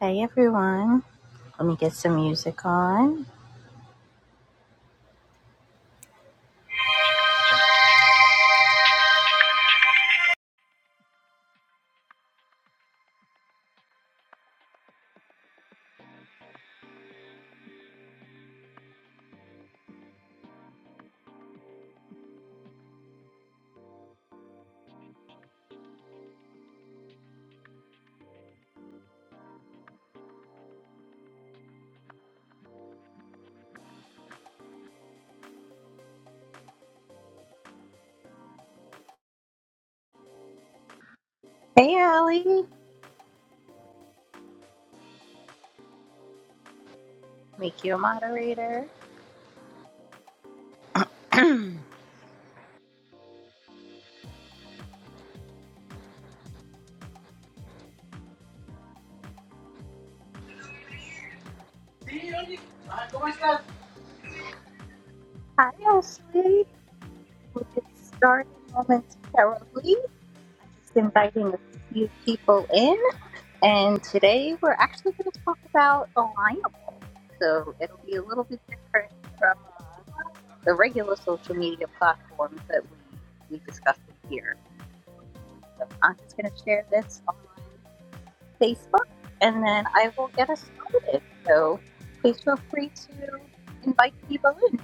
Hey everyone, let me get some music on. Hey, Allie. Make you a moderator. Hi Ashley. We'll get started momentarily. Just inviting a few people in, and today we're actually going to talk about Alignable. So it'll be a little bit different from uh, the regular social media platforms that we we discussed in here. So I'm just going to share this. online Facebook, and then I will get us started. So please feel free to invite people in.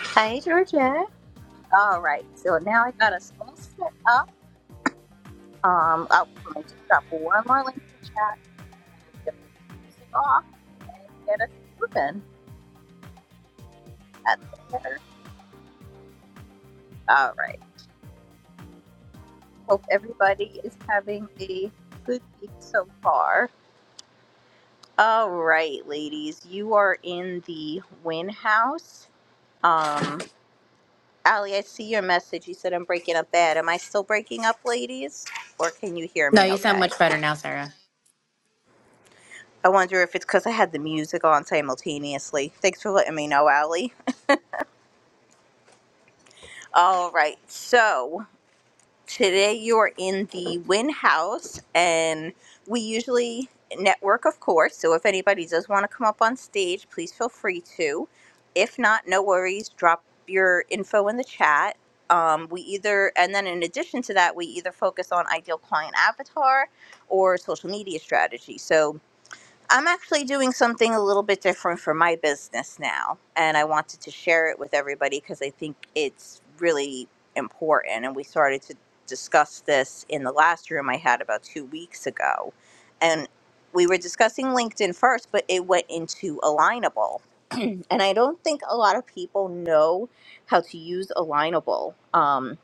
Hi, Georgia. All right, so now I got us all set up. Um, I'll i just drop one more link to chat. Get this music off, get us moving. That's better. All right. Hope everybody is having a good week so far. All right, ladies, you are in the Win House. Um, Allie, I see your message. You said I'm breaking up bad. Am I still breaking up, ladies? Or can you hear No, me you sound okay? much better now, Sarah. I wonder if it's because I had the music on simultaneously. Thanks for letting me know, Allie. All right, so. Today you are in the Win House, and we usually network, of course. So if anybody does want to come up on stage, please feel free to. If not, no worries. Drop your info in the chat. Um, we either, and then in addition to that, we either focus on ideal client avatar or social media strategy. So I'm actually doing something a little bit different for my business now, and I wanted to share it with everybody because I think it's really important. And we started to discuss this in the last room I had about two weeks ago, and we were discussing LinkedIn first, but it went into Alignable, and I don't think a lot of people know how to use Alignable. Um,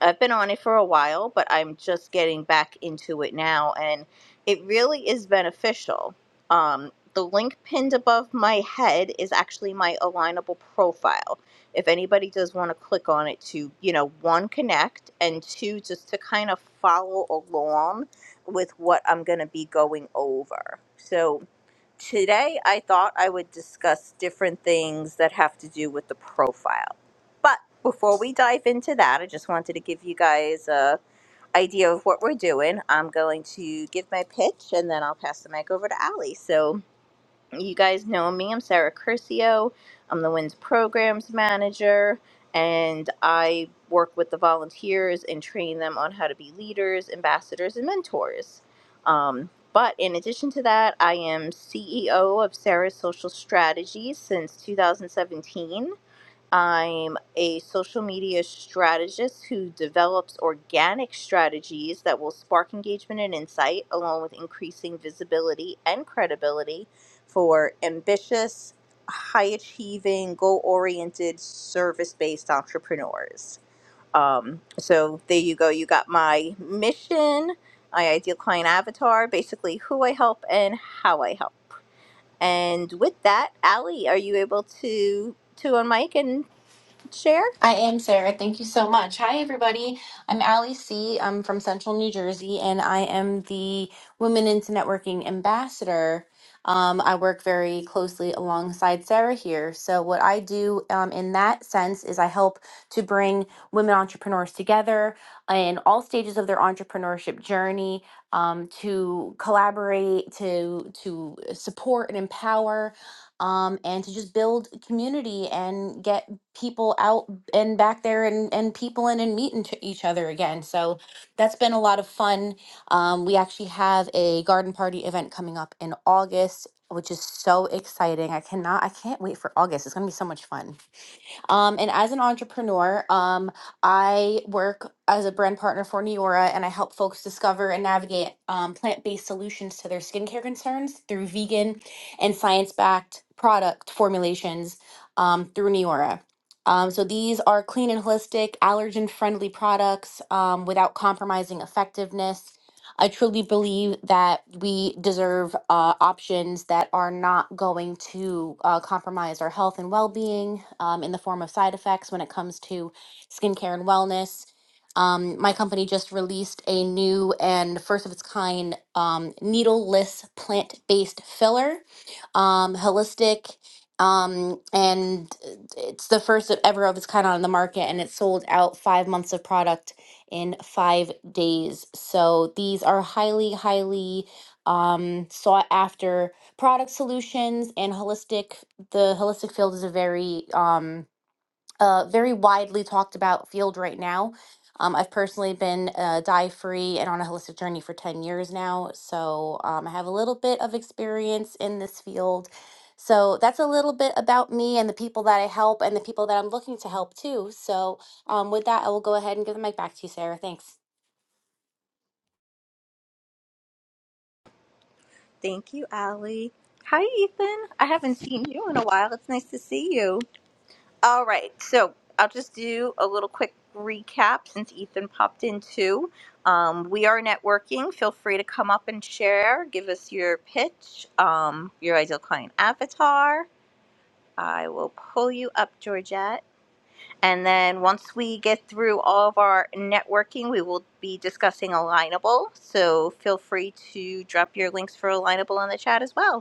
I've been on it for a while, but I'm just getting back into it now, and it really is beneficial. Um, the link pinned above my head is actually my alignable profile. If anybody does want to click on it to, you know, one, connect, and two, just to kind of follow along with what I'm going to be going over. So, Today, I thought I would discuss different things that have to do with the profile. But before we dive into that, I just wanted to give you guys a idea of what we're doing. I'm going to give my pitch and then I'll pass the mic over to Allie. So you guys know me. I'm Sarah Curcio. I'm the WINS programs manager, and I work with the volunteers and train them on how to be leaders, ambassadors, and mentors. Um, but in addition to that, I am CEO of Sarah's Social Strategies since 2017. I'm a social media strategist who develops organic strategies that will spark engagement and insight, along with increasing visibility and credibility for ambitious, high achieving, goal oriented, service based entrepreneurs. Um, so there you go. You got my mission, my ideal client avatar, basically who I help and how I help. And with that, Allie, are you able to to unmic and share? I am Sarah. Thank you so much. Hi, everybody. I'm Allie C. I'm from Central New Jersey, and I am the Women into Networking Ambassador. Um, I work very closely alongside Sarah here. So, what I do um, in that sense is I help to bring women entrepreneurs together in all stages of their entrepreneurship journey um, to collaborate, to to support and empower um, and to just build community and get people out and back there and, and people in and meeting to each other again. So that's been a lot of fun. Um, we actually have a garden party event coming up in August, which is so exciting. I cannot, I can't wait for August. It's going to be so much fun. Um, and as an entrepreneur, um, I work as a brand partner for Neora and I help folks discover and navigate um, plant based solutions to their skincare concerns through vegan and science backed product formulations um, through Neora. Um, so these are clean and holistic, allergen friendly products um, without compromising effectiveness I truly believe that we deserve uh, options that are not going to uh, compromise our health and well being um, in the form of side effects when it comes to skincare and wellness. Um, my company just released a new and first of its kind um, needleless plant based filler, um, holistic. Um, and it's the first ever of its kind on the market, and it sold out five months of product in five days. So these are highly, highly um, sought after product solutions and holistic. The holistic field is a very um, uh, very widely talked about field right now. Um, I've personally been uh, dye free and on a holistic journey for 10 years now. So um, I have a little bit of experience in this field. So that's a little bit about me and the people that I help and the people that I'm looking to help too. So um, with that, I will go ahead and give the mic back to you, Sarah. Thanks. Thank you, Allie. Hi, Ethan. I haven't seen you in a while. It's nice to see you. All right, so I'll just do a little quick recap since Ethan popped in too. Um, we are networking. Feel free to come up and share. Give us your pitch, um, your ideal client avatar. I will pull you up, Georgette. And then once we get through all of our networking, we will be discussing Alignable. So feel free to drop your links for Alignable in the chat as well.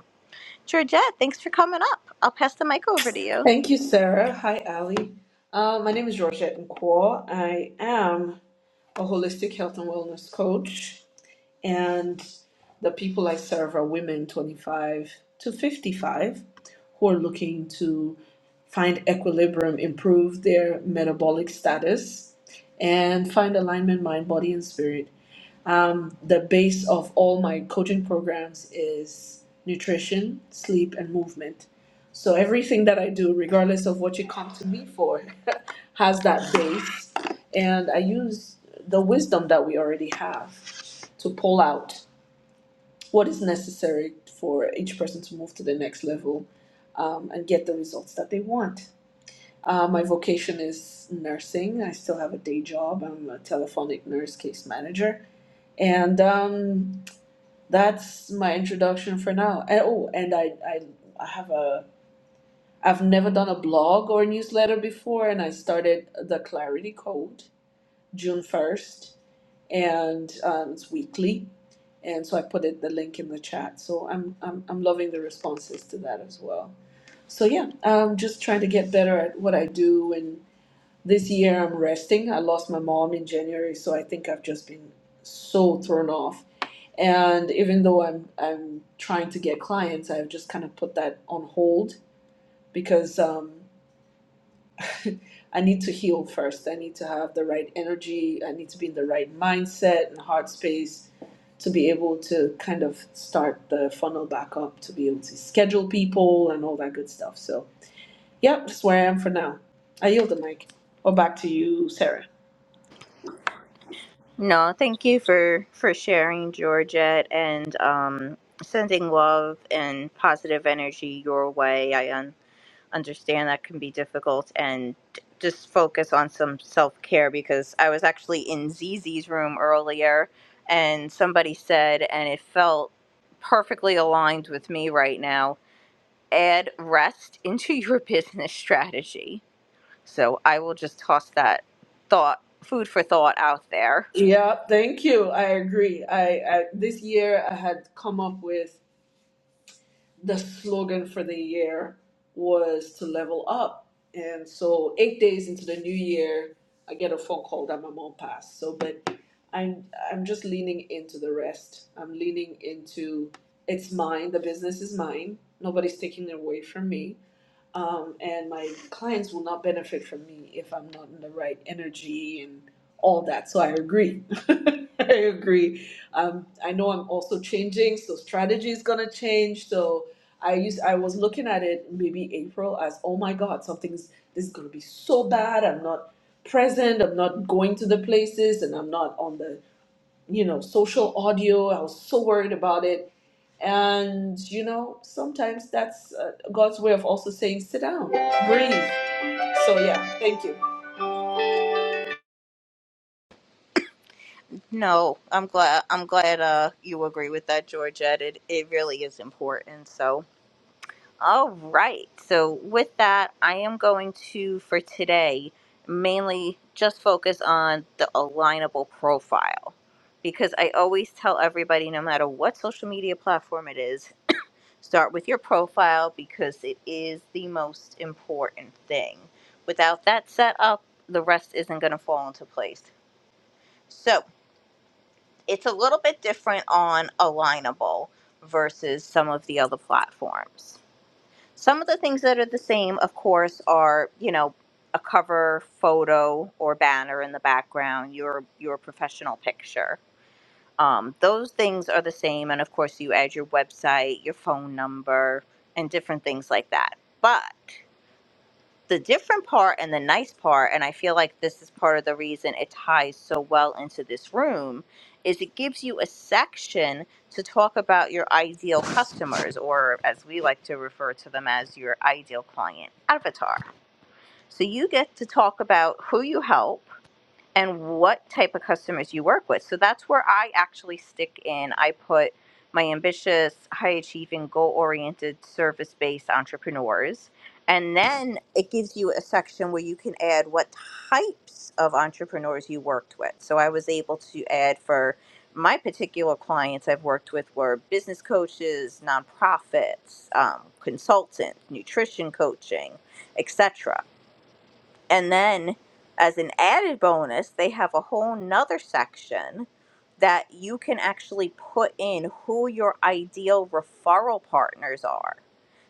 Georgette, thanks for coming up. I'll pass the mic over to you. Thank you, Sarah. Hi, Ali. Uh, my name is Georgette Nkwo. I am a holistic health and wellness coach, and the people I serve are women 25 to 55 who are looking to find equilibrium, improve their metabolic status, and find alignment mind, body, and spirit um, the base of all my coaching programs is nutrition, sleep, and movement. So everything that I do, regardless of what you come to me for, has that base. And I use the wisdom that we already have to pull out what is necessary for each person to move to the next level um, and get the results that they want. Uh, my vocation is nursing. I still have a day job. I'm a telephonic nurse case manager. And um, that's my introduction for now. And oh, and I, I, I have a, I've never done a blog or a newsletter before, and I started the Clarity Code June first, and um, it's weekly, and so I put it the link in the chat. So I'm, I'm, I'm loving the responses to that as well. So yeah, I'm just trying to get better at what I do, and this year I'm resting. I lost my mom in January, so I think I've just been so thrown off and even though I'm I'm trying to get clients, I've just kind of put that on hold because um, I need to heal first. I need to have the right energy. I need to be in the right mindset and heart space to be able to kind of start the funnel back up to be able to schedule people and all that good stuff. So yep, that's where I am for now. I yield the mic. Or back to you, Sarah. No, thank you for for sharing, Georgette, and um, sending love and positive energy your way. I un- understand that can be difficult, and just focus on some self care because I was actually in Zizi's room earlier, and somebody said, and it felt perfectly aligned with me right now. Add rest into your business strategy So I will just toss that thought, food for thought, out there. Yeah, thank you. I agree. I, I this year I had come up with the slogan for the year was to level up. And so, eight days into the new year, I get a phone call that my mom passed. So, but I'm I'm just leaning into the rest. I'm leaning into it's mine. The business is mine. Nobody's taking it away from me um, and my clients will not benefit from me if I'm not in the right energy and all that. So I agree. I agree. Um, I know I'm also changing, so strategy is gonna change. So I used I was looking at it maybe April as oh my god something's this is gonna be so bad. I'm not present. I'm not going to the places, and I'm not on the you know, social audio. I was so worried about it. And, you know, sometimes that's uh, God's way of also saying, sit down, breathe. So, yeah, thank you. No, I'm glad. I'm glad uh, you agree with that, Georgette. It it really is important. So, all right. So with that, I am going to for today mainly just focus on the alignable profile because I always tell everybody, no matter what social media platform it is, Start with your profile because it is the most important thing. Without that set up, the rest isn't going to fall into place. So it's a little bit different on Alignable versus some of the other platforms. Some of the things that are the same, of course, are you know a cover photo or banner in the background, your your professional picture um, those things are the same, and of course, you add your website, your phone number, and different things like that. But the different part and the nice part, and I feel like this is part of the reason it ties so well into this room, is it gives you a section to talk about your ideal customers, or as we like to refer to them as your ideal client avatar. So you get to talk about who you help and what type of customers you work with. So that's where I actually stick in. I put my ambitious, high achieving, goal oriented, service based entrepreneurs. And then it gives you a section where you can add what types of entrepreneurs you worked with. So I was able to add for my particular clients I've worked with were business coaches, nonprofits, um, consultants, nutrition coaching, etc. And then, as an added bonus, they have a whole nother section that you can actually put in who your ideal referral partners are.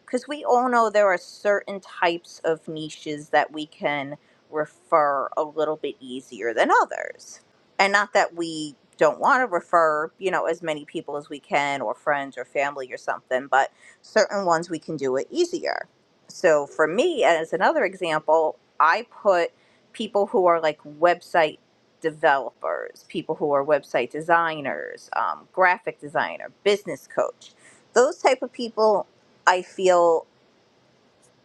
Because we all know there are certain types of niches that we can refer a little bit easier than others. And not that we don't want to refer, you know, as many people as we can, or friends or family or something, but certain ones we can do it easier. So for me, as another example, I put people who are like website developers, people who are website designers, um, graphic designer, business coach, those type of people. I feel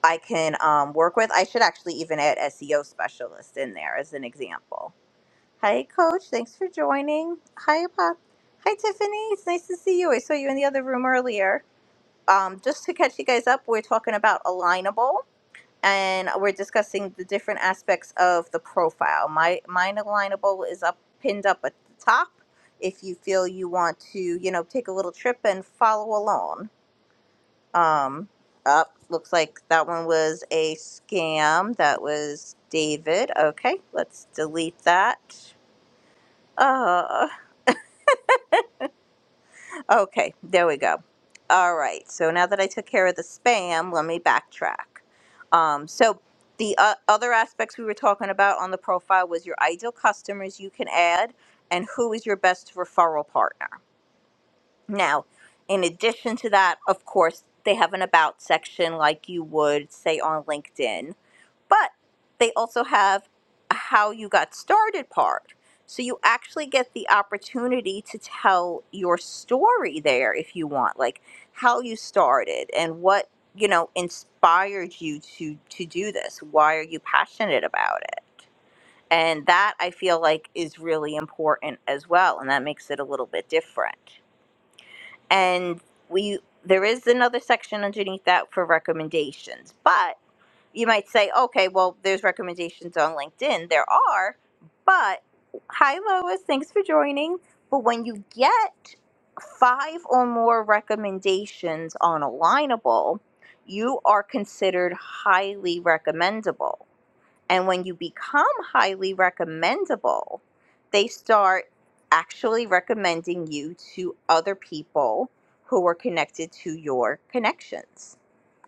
I can um, work with. I should actually even add SEO specialist in there as an example. Hi, Coach. Thanks for joining. Hi, Pop. Hi, Tiffany. It's nice to see you. I saw you in the other room earlier. Um, just to catch you guys up, we're talking about alignable and we're discussing the different aspects of the profile. My mine alignable is up pinned up at the top. If you feel you want to, you know, take a little trip and follow along. Um, up looks like that one was a scam. That was David. Okay, let's delete that. Uh Okay, there we go. All right, so now that I took care of the spam, let me backtrack. Um, so the uh, other aspects we were talking about on the profile was your ideal customers you can add and who is your best referral partner. Now, in addition to that, of course, they have an about section like you would say on LinkedIn but they also have a how you got started part. So you actually get the opportunity to tell your story there if you want, like how you started and what, you know, inspired you to to do this. Why are you passionate about it? And that I feel like is really important as well and that makes it a little bit different. And we there is another section underneath that for recommendations, but you might say, okay, well, there's recommendations on LinkedIn. There are, but hi, Lois, thanks for joining. But when you get five or more recommendations on Alignable, you are considered highly recommendable. And when you become highly recommendable, they start actually recommending you to other people who are connected to your connections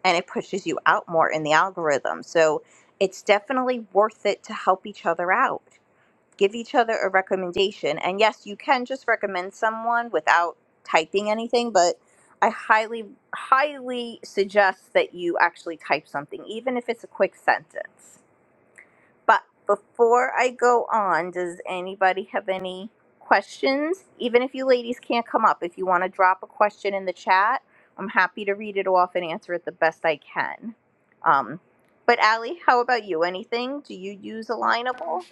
and it pushes you out more in the algorithm. So it's definitely worth it to help each other out. Give each other a recommendation. And yes, you can just recommend someone without typing anything, but I highly, highly suggest that you actually type something, even if it's a quick sentence. But before I go on, does anybody have any questions? Even if you ladies can't come up, if you want to drop a question in the chat, I'm happy to read it off and answer it the best I can. Um, but Allie, how about you? Anything? Do you use Alignable?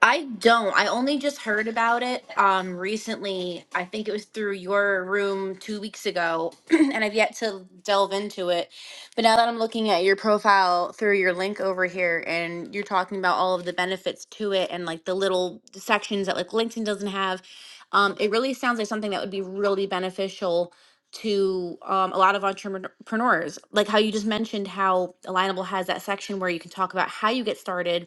I don't. I only just heard about it um recently. I think it was through your room 2 weeks ago and I've yet to delve into it. But now that I'm looking at your profile through your link over here and you're talking about all of the benefits to it and like the little sections that like LinkedIn doesn't have, um it really sounds like something that would be really beneficial to um, a lot of entrepreneurs like how you just mentioned how alignable has that section where you can talk about how you get started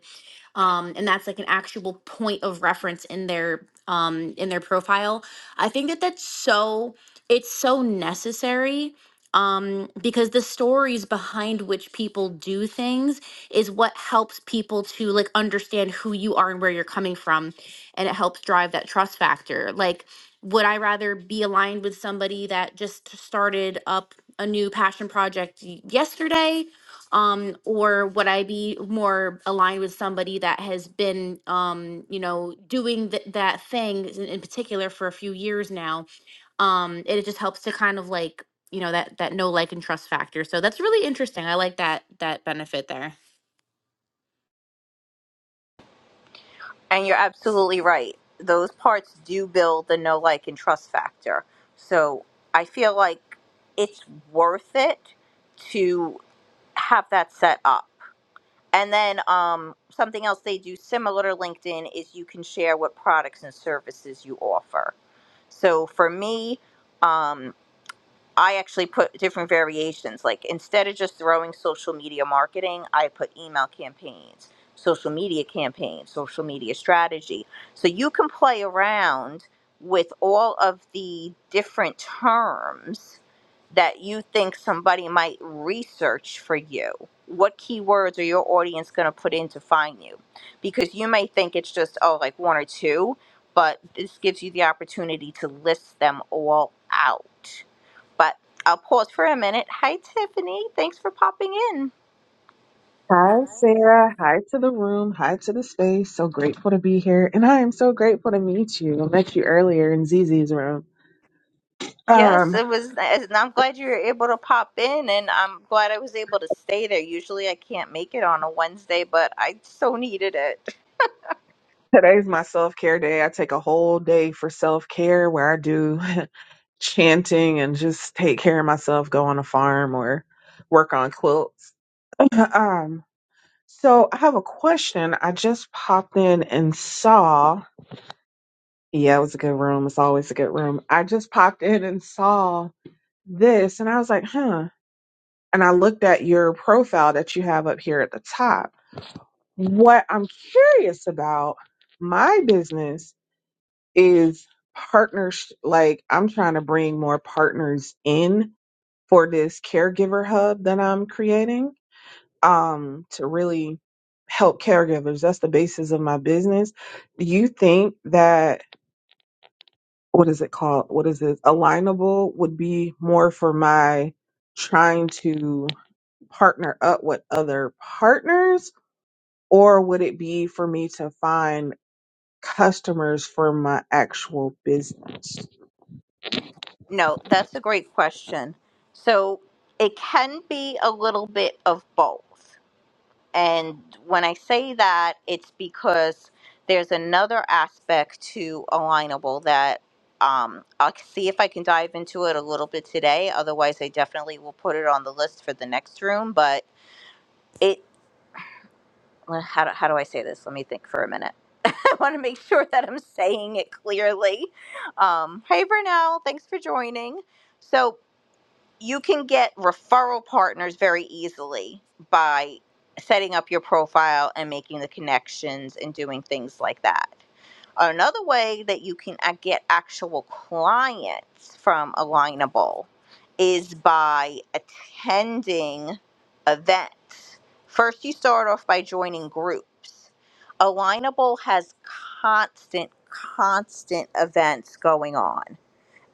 um, and that's like an actual point of reference in their um, in their profile. I think that that's so it's so necessary um, because the stories behind which people do things is what helps people to like understand who you are and where you're coming from, and it helps drive that trust factor. Like, would I rather be aligned with somebody that just started up a new passion project y- yesterday? um or would i be more aligned with somebody that has been um you know doing th- that thing in, in particular for a few years now um it just helps to kind of like you know that that no like and trust factor so that's really interesting i like that that benefit there And you're absolutely right. Those parts do build the know, like, and trust factor. So I feel like it's worth it to have that set up And then um, something else they do similar to LinkedIn is you can share what products and services you offer. So for me, um, I actually put different variations. Like instead of just throwing social media marketing, I put email campaigns, social media campaigns, social media strategy. So you can play around with all of the different terms that you think somebody might research for you. What keywords are your audience going to put in to find you? Because you may think it's just, oh, like one or two, but this gives you the opportunity to list them all out but I'll pause for a minute. Hi, Tiffany. Thanks for popping in. Hi, Sarah. Hi to the room. Hi to the space. So grateful to be here. And I am so grateful to meet you. I met you earlier in Zizi's room. Yes, Um, it was. nice, And I'm glad you were able to pop in, and I'm glad I was able to stay there. Usually I can't make it on a Wednesday, but I so needed it. today's my self care day. I take a whole day for self care where I do chanting and just take care of myself, go on a farm or work on quilts. Um, so I have a question. I just popped in and saw. Yeah, it was a good room. It's always a good room. I just popped in and saw this and I was like, huh and I looked at your profile that you have up here at the top. What I'm curious about my business is partners. Like I'm trying to bring more partners in for this caregiver hub that I'm creating um, to really help caregivers. That's the basis of my business. Do you think that what is it called? What is it? Alignable would be more for my trying to partner up with other partners or would it be for me to find customers for my actual business? No, that's a great question. So it can be a little bit of both. And when I say that, it's because there's another aspect to Alignable that um, I'll see if I can dive into it a little bit today. Otherwise, I definitely will put it on the list for the next room. But it, well, how do, how do I say this? Let me think for a minute. I want to make sure that I'm saying it clearly. Um, hey, Brunel, thanks for joining. So you can get referral partners very easily by setting up your profile and making the connections and doing things like that. Another way that you can uh, get actual clients from Alignable is by attending events. First, you start off by joining groups. Alignable has constant, constant events going on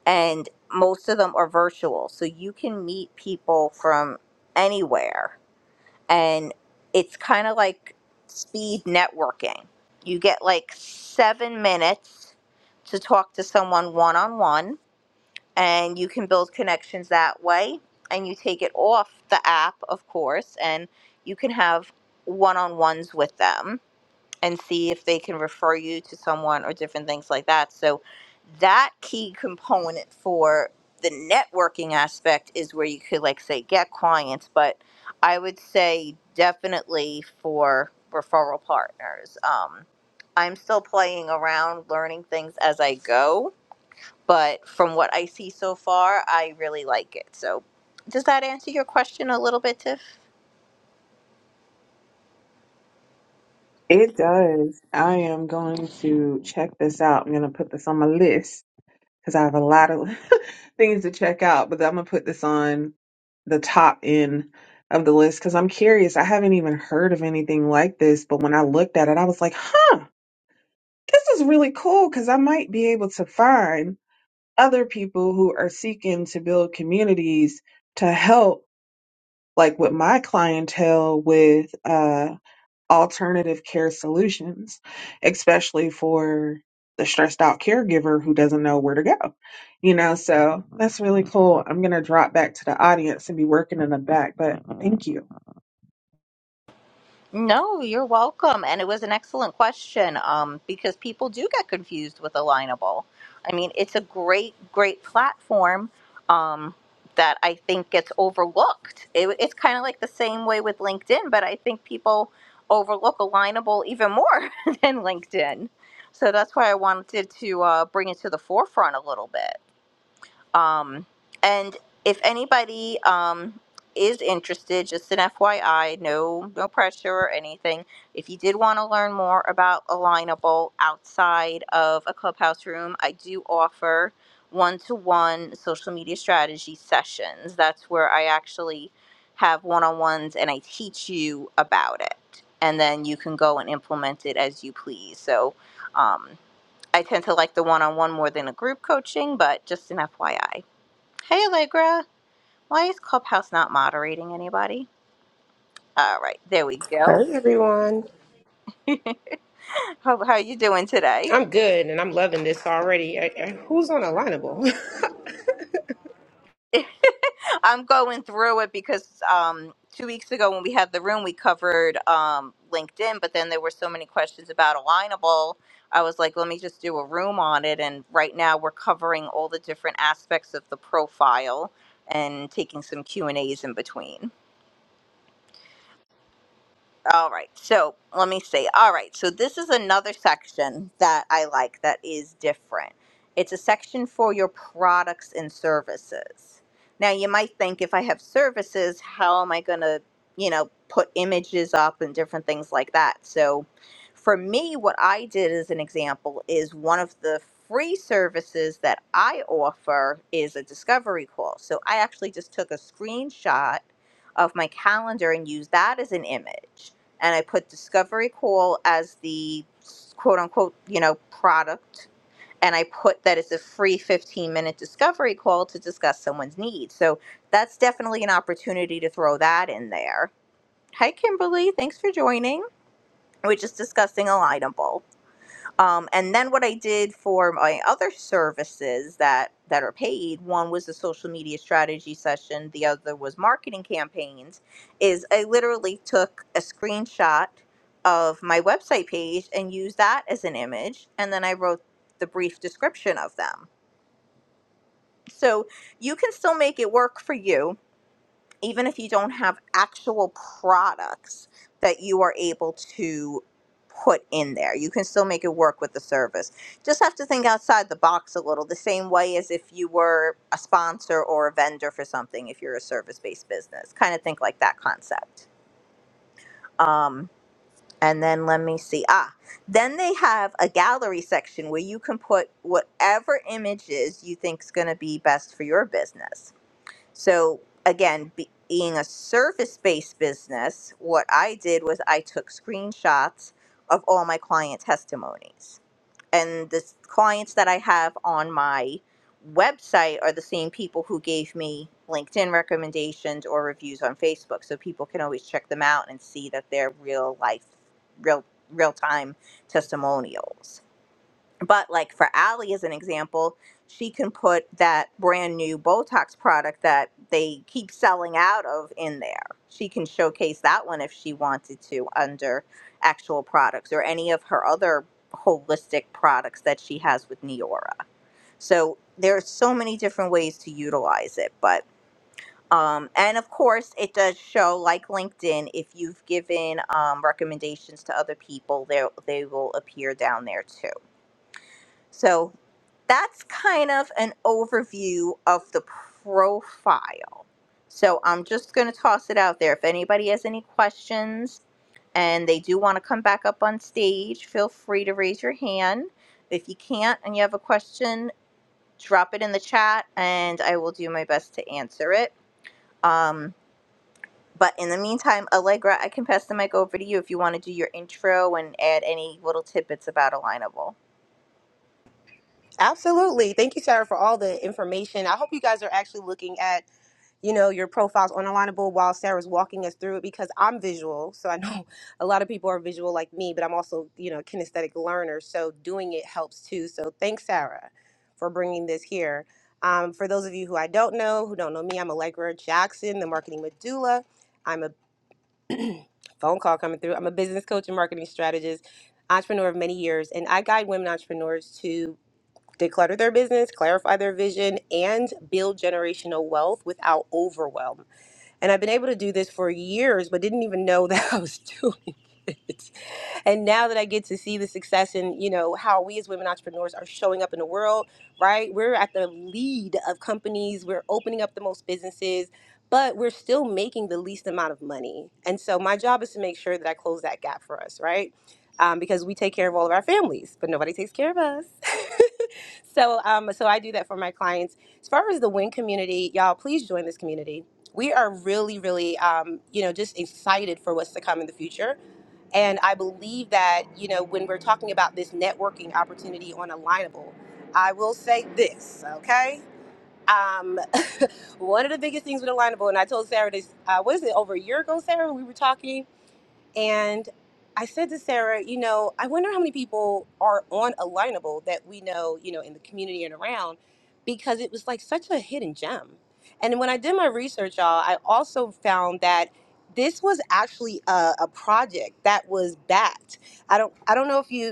and most of them are virtual. So you can meet people from anywhere, and it's kind of like speed networking. You get like seven minutes to talk to someone one on one, and you can build connections that way. And you take it off the app, of course, and you can have one on ones with them and see if they can refer you to someone or different things like that. So that key component for the networking aspect is where you could like say get clients, but I would say definitely for referral partners. Um, I'm still playing around, learning things as I go, but from what I see so far, I really like it. So does that answer your question a little bit, Tiff? It does. I am going to check this out. I'm going to put this on my list because I have a lot of things to check out, but I'm gonna put this on the top end of the list because I'm curious. I haven't even heard of anything like this, but when I looked at it, I was like, huh, this is really cool because I might be able to find other people who are seeking to build communities to help, like with my clientele with uh alternative care solutions, especially for the stressed out caregiver who doesn't know where to go. You know, so that's really cool. I'm going to drop back to the audience and be working in the back, but thank you. No, you're welcome. And it was an excellent question um, because people do get confused with Alignable. I mean, it's a great, great platform um, that I think gets overlooked. It, it's kind of like the same way with LinkedIn, but I think people overlook Alignable even more than LinkedIn. So that's why I wanted to uh, bring it to the forefront a little bit. Um, and if anybody um, is interested, just an FYI, no no pressure or anything. If you did want to learn more about Alignable outside of a clubhouse room, I do offer one-to-one social media strategy sessions. That's where I actually have one-on-ones and I teach you about it. And then you can go and implement it as you please. So um, I tend to like the one-on-one more than a group coaching, but just an FYI. Hey, Allegra. Why is Clubhouse not moderating anybody? All right, there we go. Hey everyone. how how you doing today? I'm good and I'm loving this already. I, I- who's on Alignable? I'm going through it because um, two weeks ago when we had the room, we covered um, LinkedIn, but then there were so many questions about Alignable. I was like, let me just do a room on it. And right now we're covering all the different aspects of the profile and taking some Q and A's in between. All right. So let me see. All right. So this is another section that I like that is different. It's a section for your products and services. Now, you might think if I have services, how am I going to, you know, put images up and different things like that? So for me, what I did as an example is one of the free services that I offer is a discovery call. So I actually just took a screenshot of my calendar and used that as an image and I put Discovery Call as the quote unquote, you know, product. And I put that it's a free 15 minute discovery call to discuss someone's needs. So that's definitely an opportunity to throw that in there. Hi, Kimberly. Thanks for joining. We're just discussing alignable. Um, and then what I did for my other services that that are paid, one was the social media strategy session, the other was marketing campaigns, is I literally took a screenshot of my website page and used that as an image, and then I wrote the brief description of them. So you can still make it work for you even if you don't have actual products that you are able to put in there you can still make it work with the service just have to think outside the box a little the same way as if you were a sponsor or a vendor for something if you're a service-based business kind of think like that concept um, and then let me see ah then they have a gallery section where you can put whatever images you think is going to be best for your business so again, be, being a service-based business, what I did was I took screenshots of all my client testimonies. And the s- clients that I have on my website are the same people who gave me LinkedIn recommendations or reviews on Facebook. So people can always check them out and see that they're real life, real real time testimonials. But like for Ali as an example, she can put that brand new Botox product that they keep selling out of in there. She can showcase that one if she wanted to under actual products or any of her other holistic products that she has with Neora. So there are so many different ways to utilize it, but um, and of course, it does show like LinkedIn. If you've given um, recommendations to other people, they they will appear down there too. So that's kind of an overview of the profile. So I'm just going to toss it out there. If anybody has any questions and they do want to come back up on stage, feel free to raise your hand. If you can't and you have a question, drop it in the chat and I will do my best to answer it. Um, but in the meantime, Allegra, I can pass the mic over to you if you want to do your intro and add any little tidbits about Alignable. Absolutely. Thank you, Sarah, for all the information. I hope you guys are actually looking at, you know, your profiles on Alignable while Sarah's walking us through it because I'm visual. So I know a lot of people are visual like me, but I'm also, you know, a kinesthetic learner. So doing it helps too. So thanks, Sarah, for bringing this here. Um, for those of you who I don't know, who don't know me, I'm Allegra Jackson, the marketing medulla. phone call coming through. I'm a business coach and marketing strategist, entrepreneur of many years, and I guide women entrepreneurs to declutter their business, clarify their vision, and build generational wealth without overwhelm. And I've been able to do this for years, but didn't even know that I was doing it and now that I get to see the success and you know how we as women entrepreneurs are showing up in the world, right? We're at the lead of companies. We're opening up the most businesses, but we're still making the least amount of money. And so my job is to make sure that I close that gap for us, right? Um, because we take care of all of our families, but nobody takes care of us. so, um, so I do that for my clients. As far as the Win community, y'all, please join this community. We are really, really, um, you know, just excited for what's to come in the future and I believe that, you know, when we're talking about this networking opportunity on Alignable, I will say this, okay? Um, one of the biggest things with Alignable, and I told Sarah this, uh, what is it, over a year ago, Sarah, we were talking? And I said to Sarah, you know, I wonder how many people are on Alignable that we know, you know, in the community and around, because it was like such a hidden gem. And when I did my research, y'all, I also found that this was actually a, a project that was backed. I don't, I don't know if you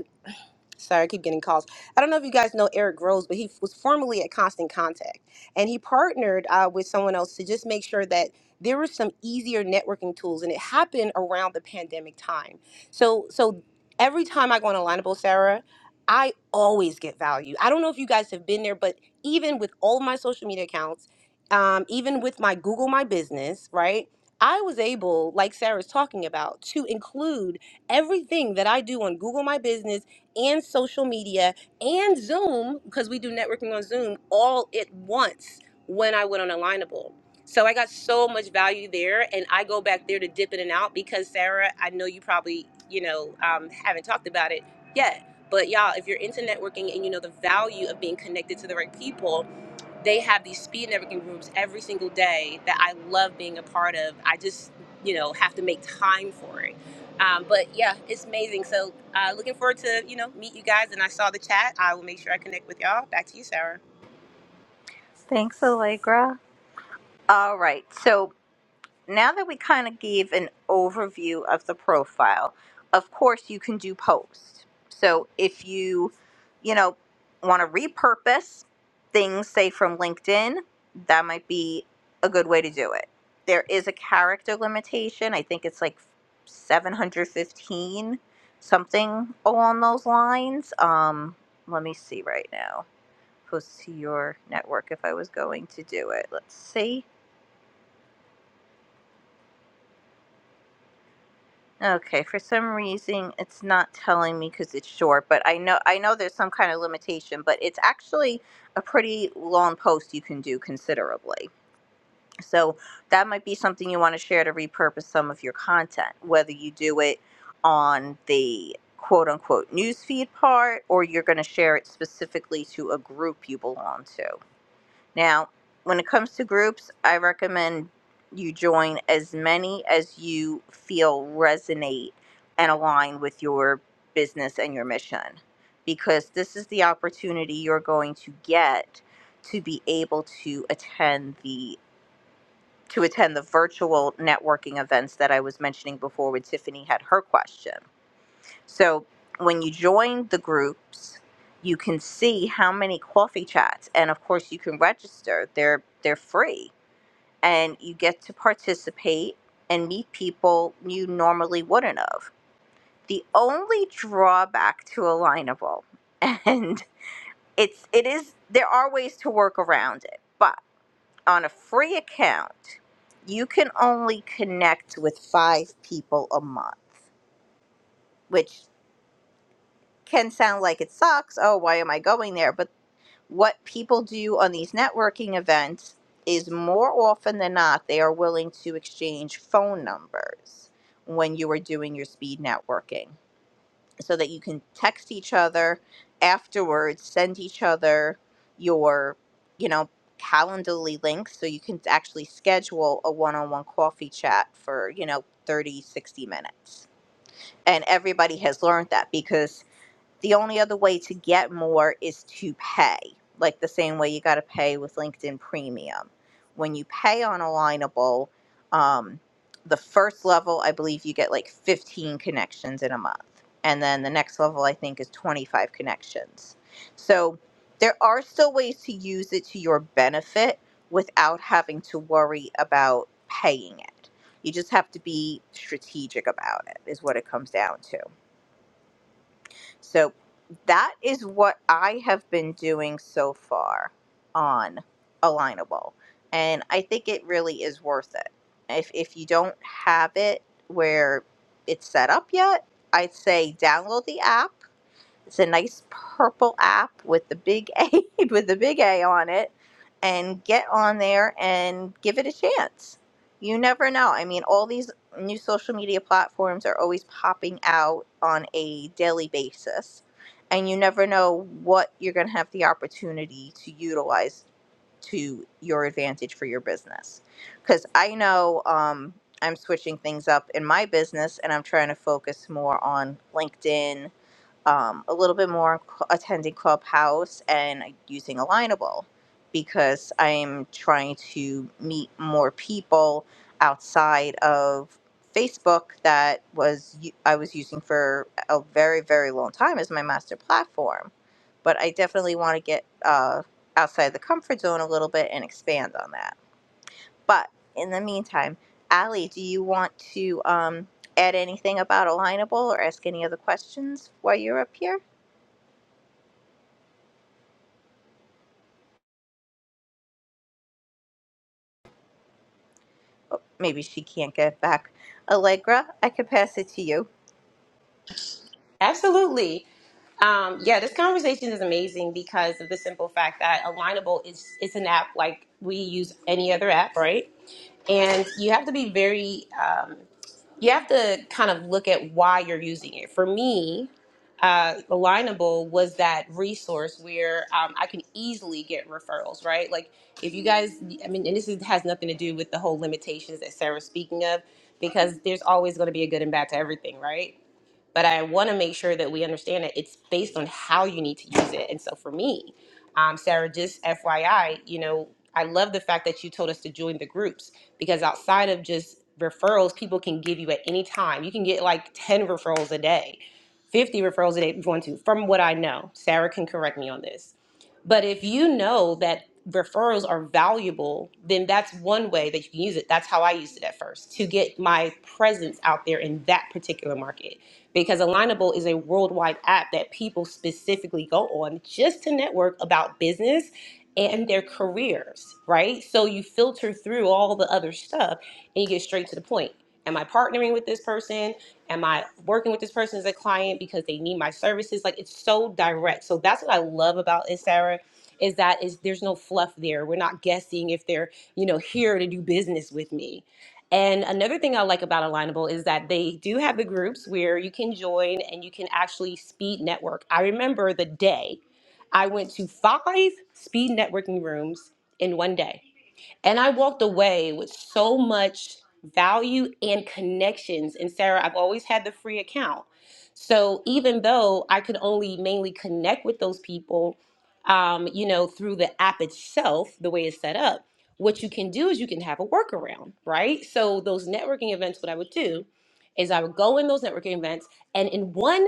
Sorry, I keep getting calls. I don't know if you guys know Eric Rose, but he was formerly at Constant Contact, and he partnered uh, with someone else to just make sure that there were some easier networking tools, and it happened around the pandemic time. So, so every time I go on Alignable, Sarah, I always get value. I don't know if you guys have been there, but even with all of my social media accounts, um, even with my Google My Business, right? I was able, like Sarah's talking about, to include everything that I do on Google My Business and social media and Zoom, because we do networking on Zoom all at once when I went on Alignable. So I got so much value there, and I go back there to dip in and out because Sarah, I know you probably, you know, um, haven't talked about it yet. But y'all, if you're into networking and you know the value of being connected to the right people, they have these speed networking rooms every single day that I love being a part of. I just, you know, have to make time for it. Um, but yeah, it's amazing. So uh, looking forward to, you know, meet you guys. And I saw the chat. I will make sure I connect with y'all. Back to you, Sarah. Thanks, Allegra. All right. So now that we kind of gave an overview of the profile, of course you can do post. So if you, you know, want to repurpose things, say from LinkedIn, that might be a good way to do it. There is a character limitation. I think it's like 715, something along those lines. Um, let me see right now. Post to your network if I was going to do it. Let's see. Okay, for some reason it's not telling me because it's short, but I know I know there's some kind of limitation, but it's actually a pretty long post you can do considerably. So that might be something you want to share to repurpose some of your content, whether you do it on the quote unquote newsfeed part or you're going to share it specifically to a group you belong to. Now, when it comes to groups, I recommend you join as many as you feel resonate and align with your business and your mission because this is the opportunity you're going to get to be able to attend the to attend the virtual networking events that I was mentioning before when Tiffany had her question so when you join the groups, you can see how many coffee chats, and of course you can register. They're they're free, and you get to participate and meet people you normally wouldn't have. The only drawback to Alignable, and it's it is there are ways to work around it, but on a free account, you can only connect with five people a month, which can sound like it sucks. Oh, why am I going there? But what people do on these networking events is more often than not they are willing to exchange phone numbers when you are doing your speed networking so that you can text each other afterwards send each other your you know calendly links so you can actually schedule a one-on-one coffee chat for you know 30, 60 minutes and everybody has learned that because the only other way to get more is to pay, like the same way you got to pay with LinkedIn Premium. When you pay on Alignable, um, the first level, I believe you get like 15 connections in a month. And then the next level, I think, is 25 connections. So there are still ways to use it to your benefit without having to worry about paying it. You just have to be strategic about it, is what it comes down to. So that is what I have been doing so far on Alignable. And I think it really is worth it. If, if you don't have it where it's set up yet, I'd say download the app it's a nice purple app with the big A with the big A on it and get on there and give it a chance. You never know. I mean, all these new social media platforms are always popping out on a daily basis. And you never know what you're going to have the opportunity to utilize to your advantage for your business. Because I know um, I'm switching things up in my business and I'm trying to focus more on LinkedIn um, a little bit more cl- attending Clubhouse and like, using Alignable because I'm trying to meet more people outside of Facebook that was u- I was using for a very very long time as my master platform, but I definitely want to get uh, outside the comfort zone a little bit and expand on that. But in the meantime, Allie, do you want to um, add anything about Alignable or ask any other questions while you're up here? maybe she can't get back. Allegra, I could pass it to you. Absolutely. Um, yeah, this conversation is amazing because of the simple fact that Alignable is it's an app like we use any other app, right? And you have to be very um, you have to kind of look at why you're using it. For me, uh, Alignable was that resource where um, I can easily get referrals, right? Like if you guys, I mean, and this is, has nothing to do with the whole limitations that Sarah's speaking of, because there's always going to be a good and bad to everything, right? but I want to make sure that we understand that it's based on how you need to use it. And so for me, um, Sarah, just FYI, you know, I love the fact that you told us to join the groups because outside of just referrals, people can give you at any time. You can get like 10 referrals a day, 50 referrals a day if you want to, from what I know. Sarah can correct me on this. But if you know that referrals are valuable, then that's one way that you can use it. That's how I used it at first to get my presence out there in that particular market because Alignable is a worldwide app that people specifically go on just to network about business and their careers, right? So you filter through all the other stuff and you get straight to the point. Am I partnering with this person? Am I working with this person as a client because they need my services? Like it's so direct. So that's what I love about it, Sarah, is that is there's no fluff there. We're not guessing if they're, you know, here to do business with me and another thing I like about Alignable is that they do have the groups where you can join and you can actually speed network. I remember the day I went to five speed networking rooms in one day and I walked away with so much value and connections. And Sarah, I've always had the free account. So even though I could only mainly connect with those people, um, you know, through the app itself, the way it's set up, what you can do is you can have a workaround, right? So those networking events, what I would do is I would go in those networking events and in one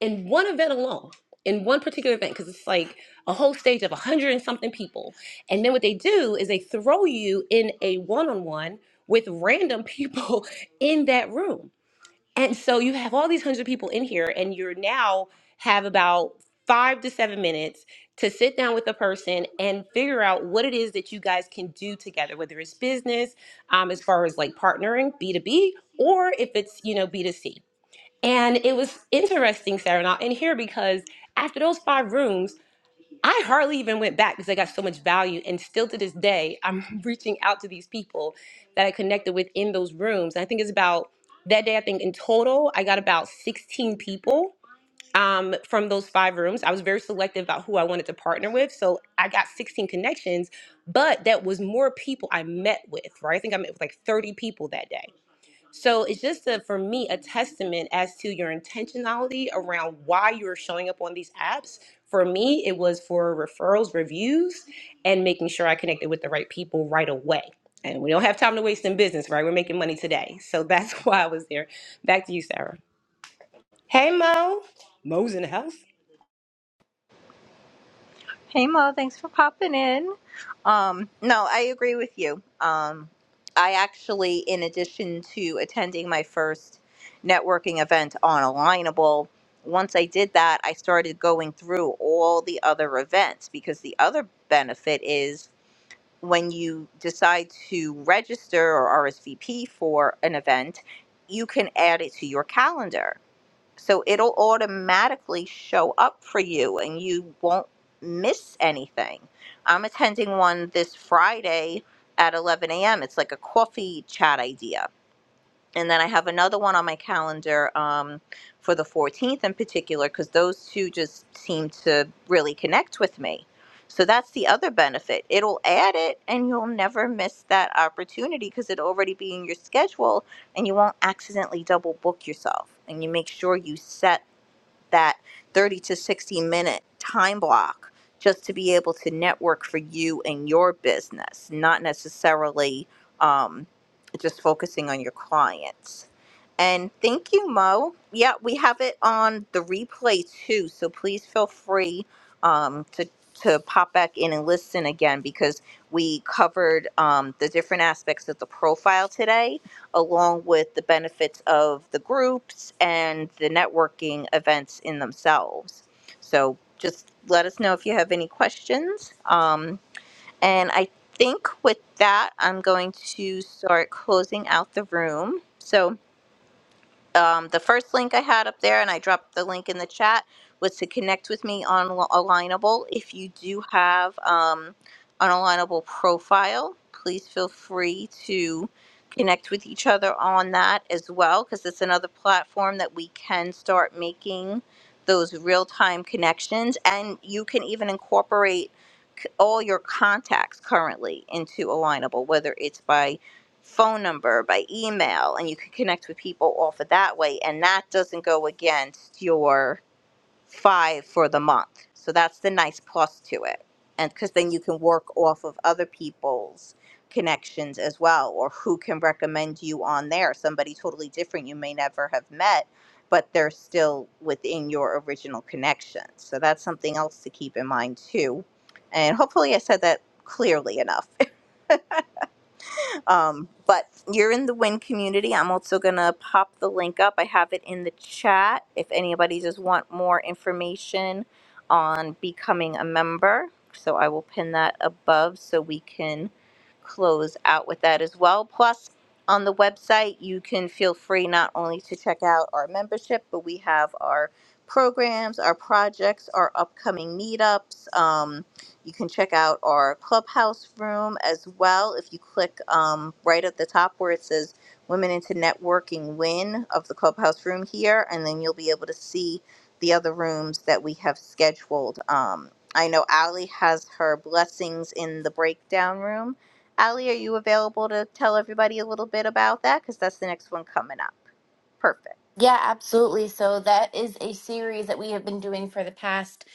in one event alone, in one particular event, because it's like a whole stage of a hundred and something people, and then what they do is they throw you in a one on one with random people in that room. And so you have all these hundred people in here, and you're now have about five to seven minutes to sit down with the person and figure out what it is that you guys can do together, whether it's business, um, as far as like partnering B2B, or if it's, you know, B2C. And it was interesting, Sarah, and I'll end here because after those five rooms, I hardly even went back because I got so much value. And still to this day, I'm reaching out to these people that I connected with in those rooms. And I think it's about that day, I think in total, I got about 16 people um, from those five rooms. I was very selective about who I wanted to partner with. So I got 16 connections, but that was more people I met with, right? I think I met with like 30 people that day. So it's just a, for me a testament as to your intentionality around why you're showing up on these apps. For me, it was for referrals, reviews, and making sure I connected with the right people right away. And we don't have time to waste in business, right? We're making money today. So that's why I was there. Back to you, Sarah. Hey, Mo. Mo's in the house. Hey Mo, thanks for popping in. Um, no, I agree with you. Um, I actually, in addition to attending my first networking event on Alignable, once I did that, I started going through all the other events because the other benefit is when you decide to register or RSVP for an event, you can add it to your calendar. So it'll automatically show up for you and you won't miss anything. I'm attending one this Friday at 11 a.m. It's like a coffee chat idea. And then I have another one on my calendar um, for the 14th in particular because those two just seem to really connect with me. So that's the other benefit. It'll add it and you'll never miss that opportunity because it'll already be in your schedule and you won't accidentally double book yourself. And you make sure you set that 30 to 60 minute time block just to be able to network for you and your business, not necessarily um, just focusing on your clients. And thank you, Mo. Yeah, we have it on the replay too, so please feel free um, to to pop back in and listen again because we covered um, the different aspects of the profile today, along with the benefits of the groups and the networking events in themselves. So just let us know if you have any questions. Um, and I think with that, I'm going to start closing out the room. So um, the first link I had up there, and I dropped the link in the chat, was to connect with me on Al- Alignable. If you do have um, an Alignable profile, please feel free to connect with each other on that as well, because it's another platform that we can start making those real time connections. And you can even incorporate c- all your contacts currently into Alignable, whether it's by phone number, by email, and you can connect with people off of that way. And that doesn't go against your five for the month. So that's the nice plus to it. And because then you can work off of other people's connections as well, or who can recommend you on there. Somebody totally different you may never have met, but they're still within your original connection. So that's something else to keep in mind too. And hopefully, I said that clearly enough um, but you're in the win community i'm also going to pop the link up i have it in the chat if anybody just want more information on becoming a member so i will pin that above so we can close out with that as well plus on the website you can feel free not only to check out our membership but we have our programs our projects our upcoming meetups Um, you can check out our clubhouse room as well. If you click um, right at the top where it says Women into Networking Win of the clubhouse room here, and then you'll be able to see the other rooms that we have scheduled. Um, I know Allie has her blessings in the breakdown room. Allie, are you available to tell everybody a little bit about that? Because that's the next one coming up. Perfect. Yeah, absolutely. So that is a series that we have been doing for the past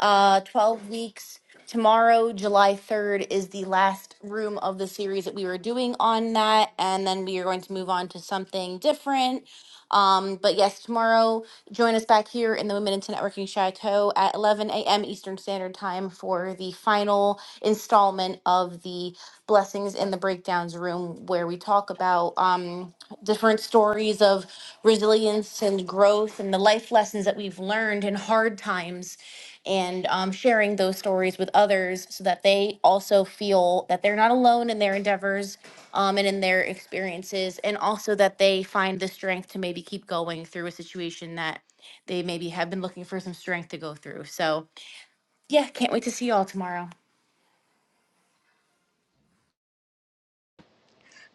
uh, 12 weeks. Tomorrow, July 3rd, is the last room of the series that we were doing on that. And then we are going to move on to something different. Um, but yes, tomorrow join us back here in the Women into Networking Chateau at 11 a.m. Eastern Standard Time for the final installment of the Blessings in the Breakdowns room, where we talk about um, different stories of resilience and growth and the life lessons that we've learned in hard times and um, sharing those stories with others so that they also feel that they're not alone in their endeavors um, and in their experiences, and also that they find the strength to maybe keep going through a situation that they maybe have been looking for some strength to go through. So, yeah, can't wait to see y'all tomorrow.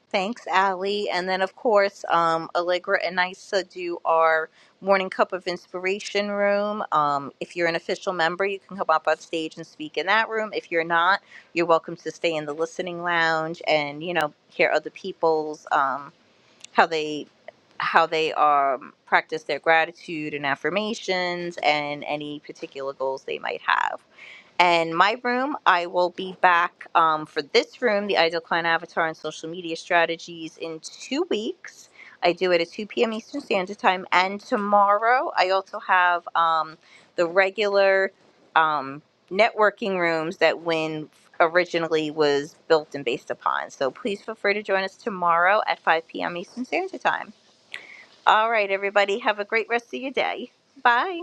Thanks, Ali. And then, of course, um, Allegra and Nisa do our Morning Cup of Inspiration room. Um, if you're an official member, you can come up on stage and speak in that room. If you're not, you're welcome to stay in the listening lounge and, you know, hear other people's, um, how they how they um, practice their gratitude and affirmations and any particular goals they might have and my room. I will be back um, for this room, the Ideal Client Avatar and Social Media Strategies, in two weeks. I do it at 2 p.m. Eastern Standard Time. And tomorrow, I also have um, the regular um, networking rooms that Win originally was built and based upon. So please feel free to join us tomorrow at 5 p.m. Eastern Standard Time. All right, everybody, have a great rest of your day. Bye.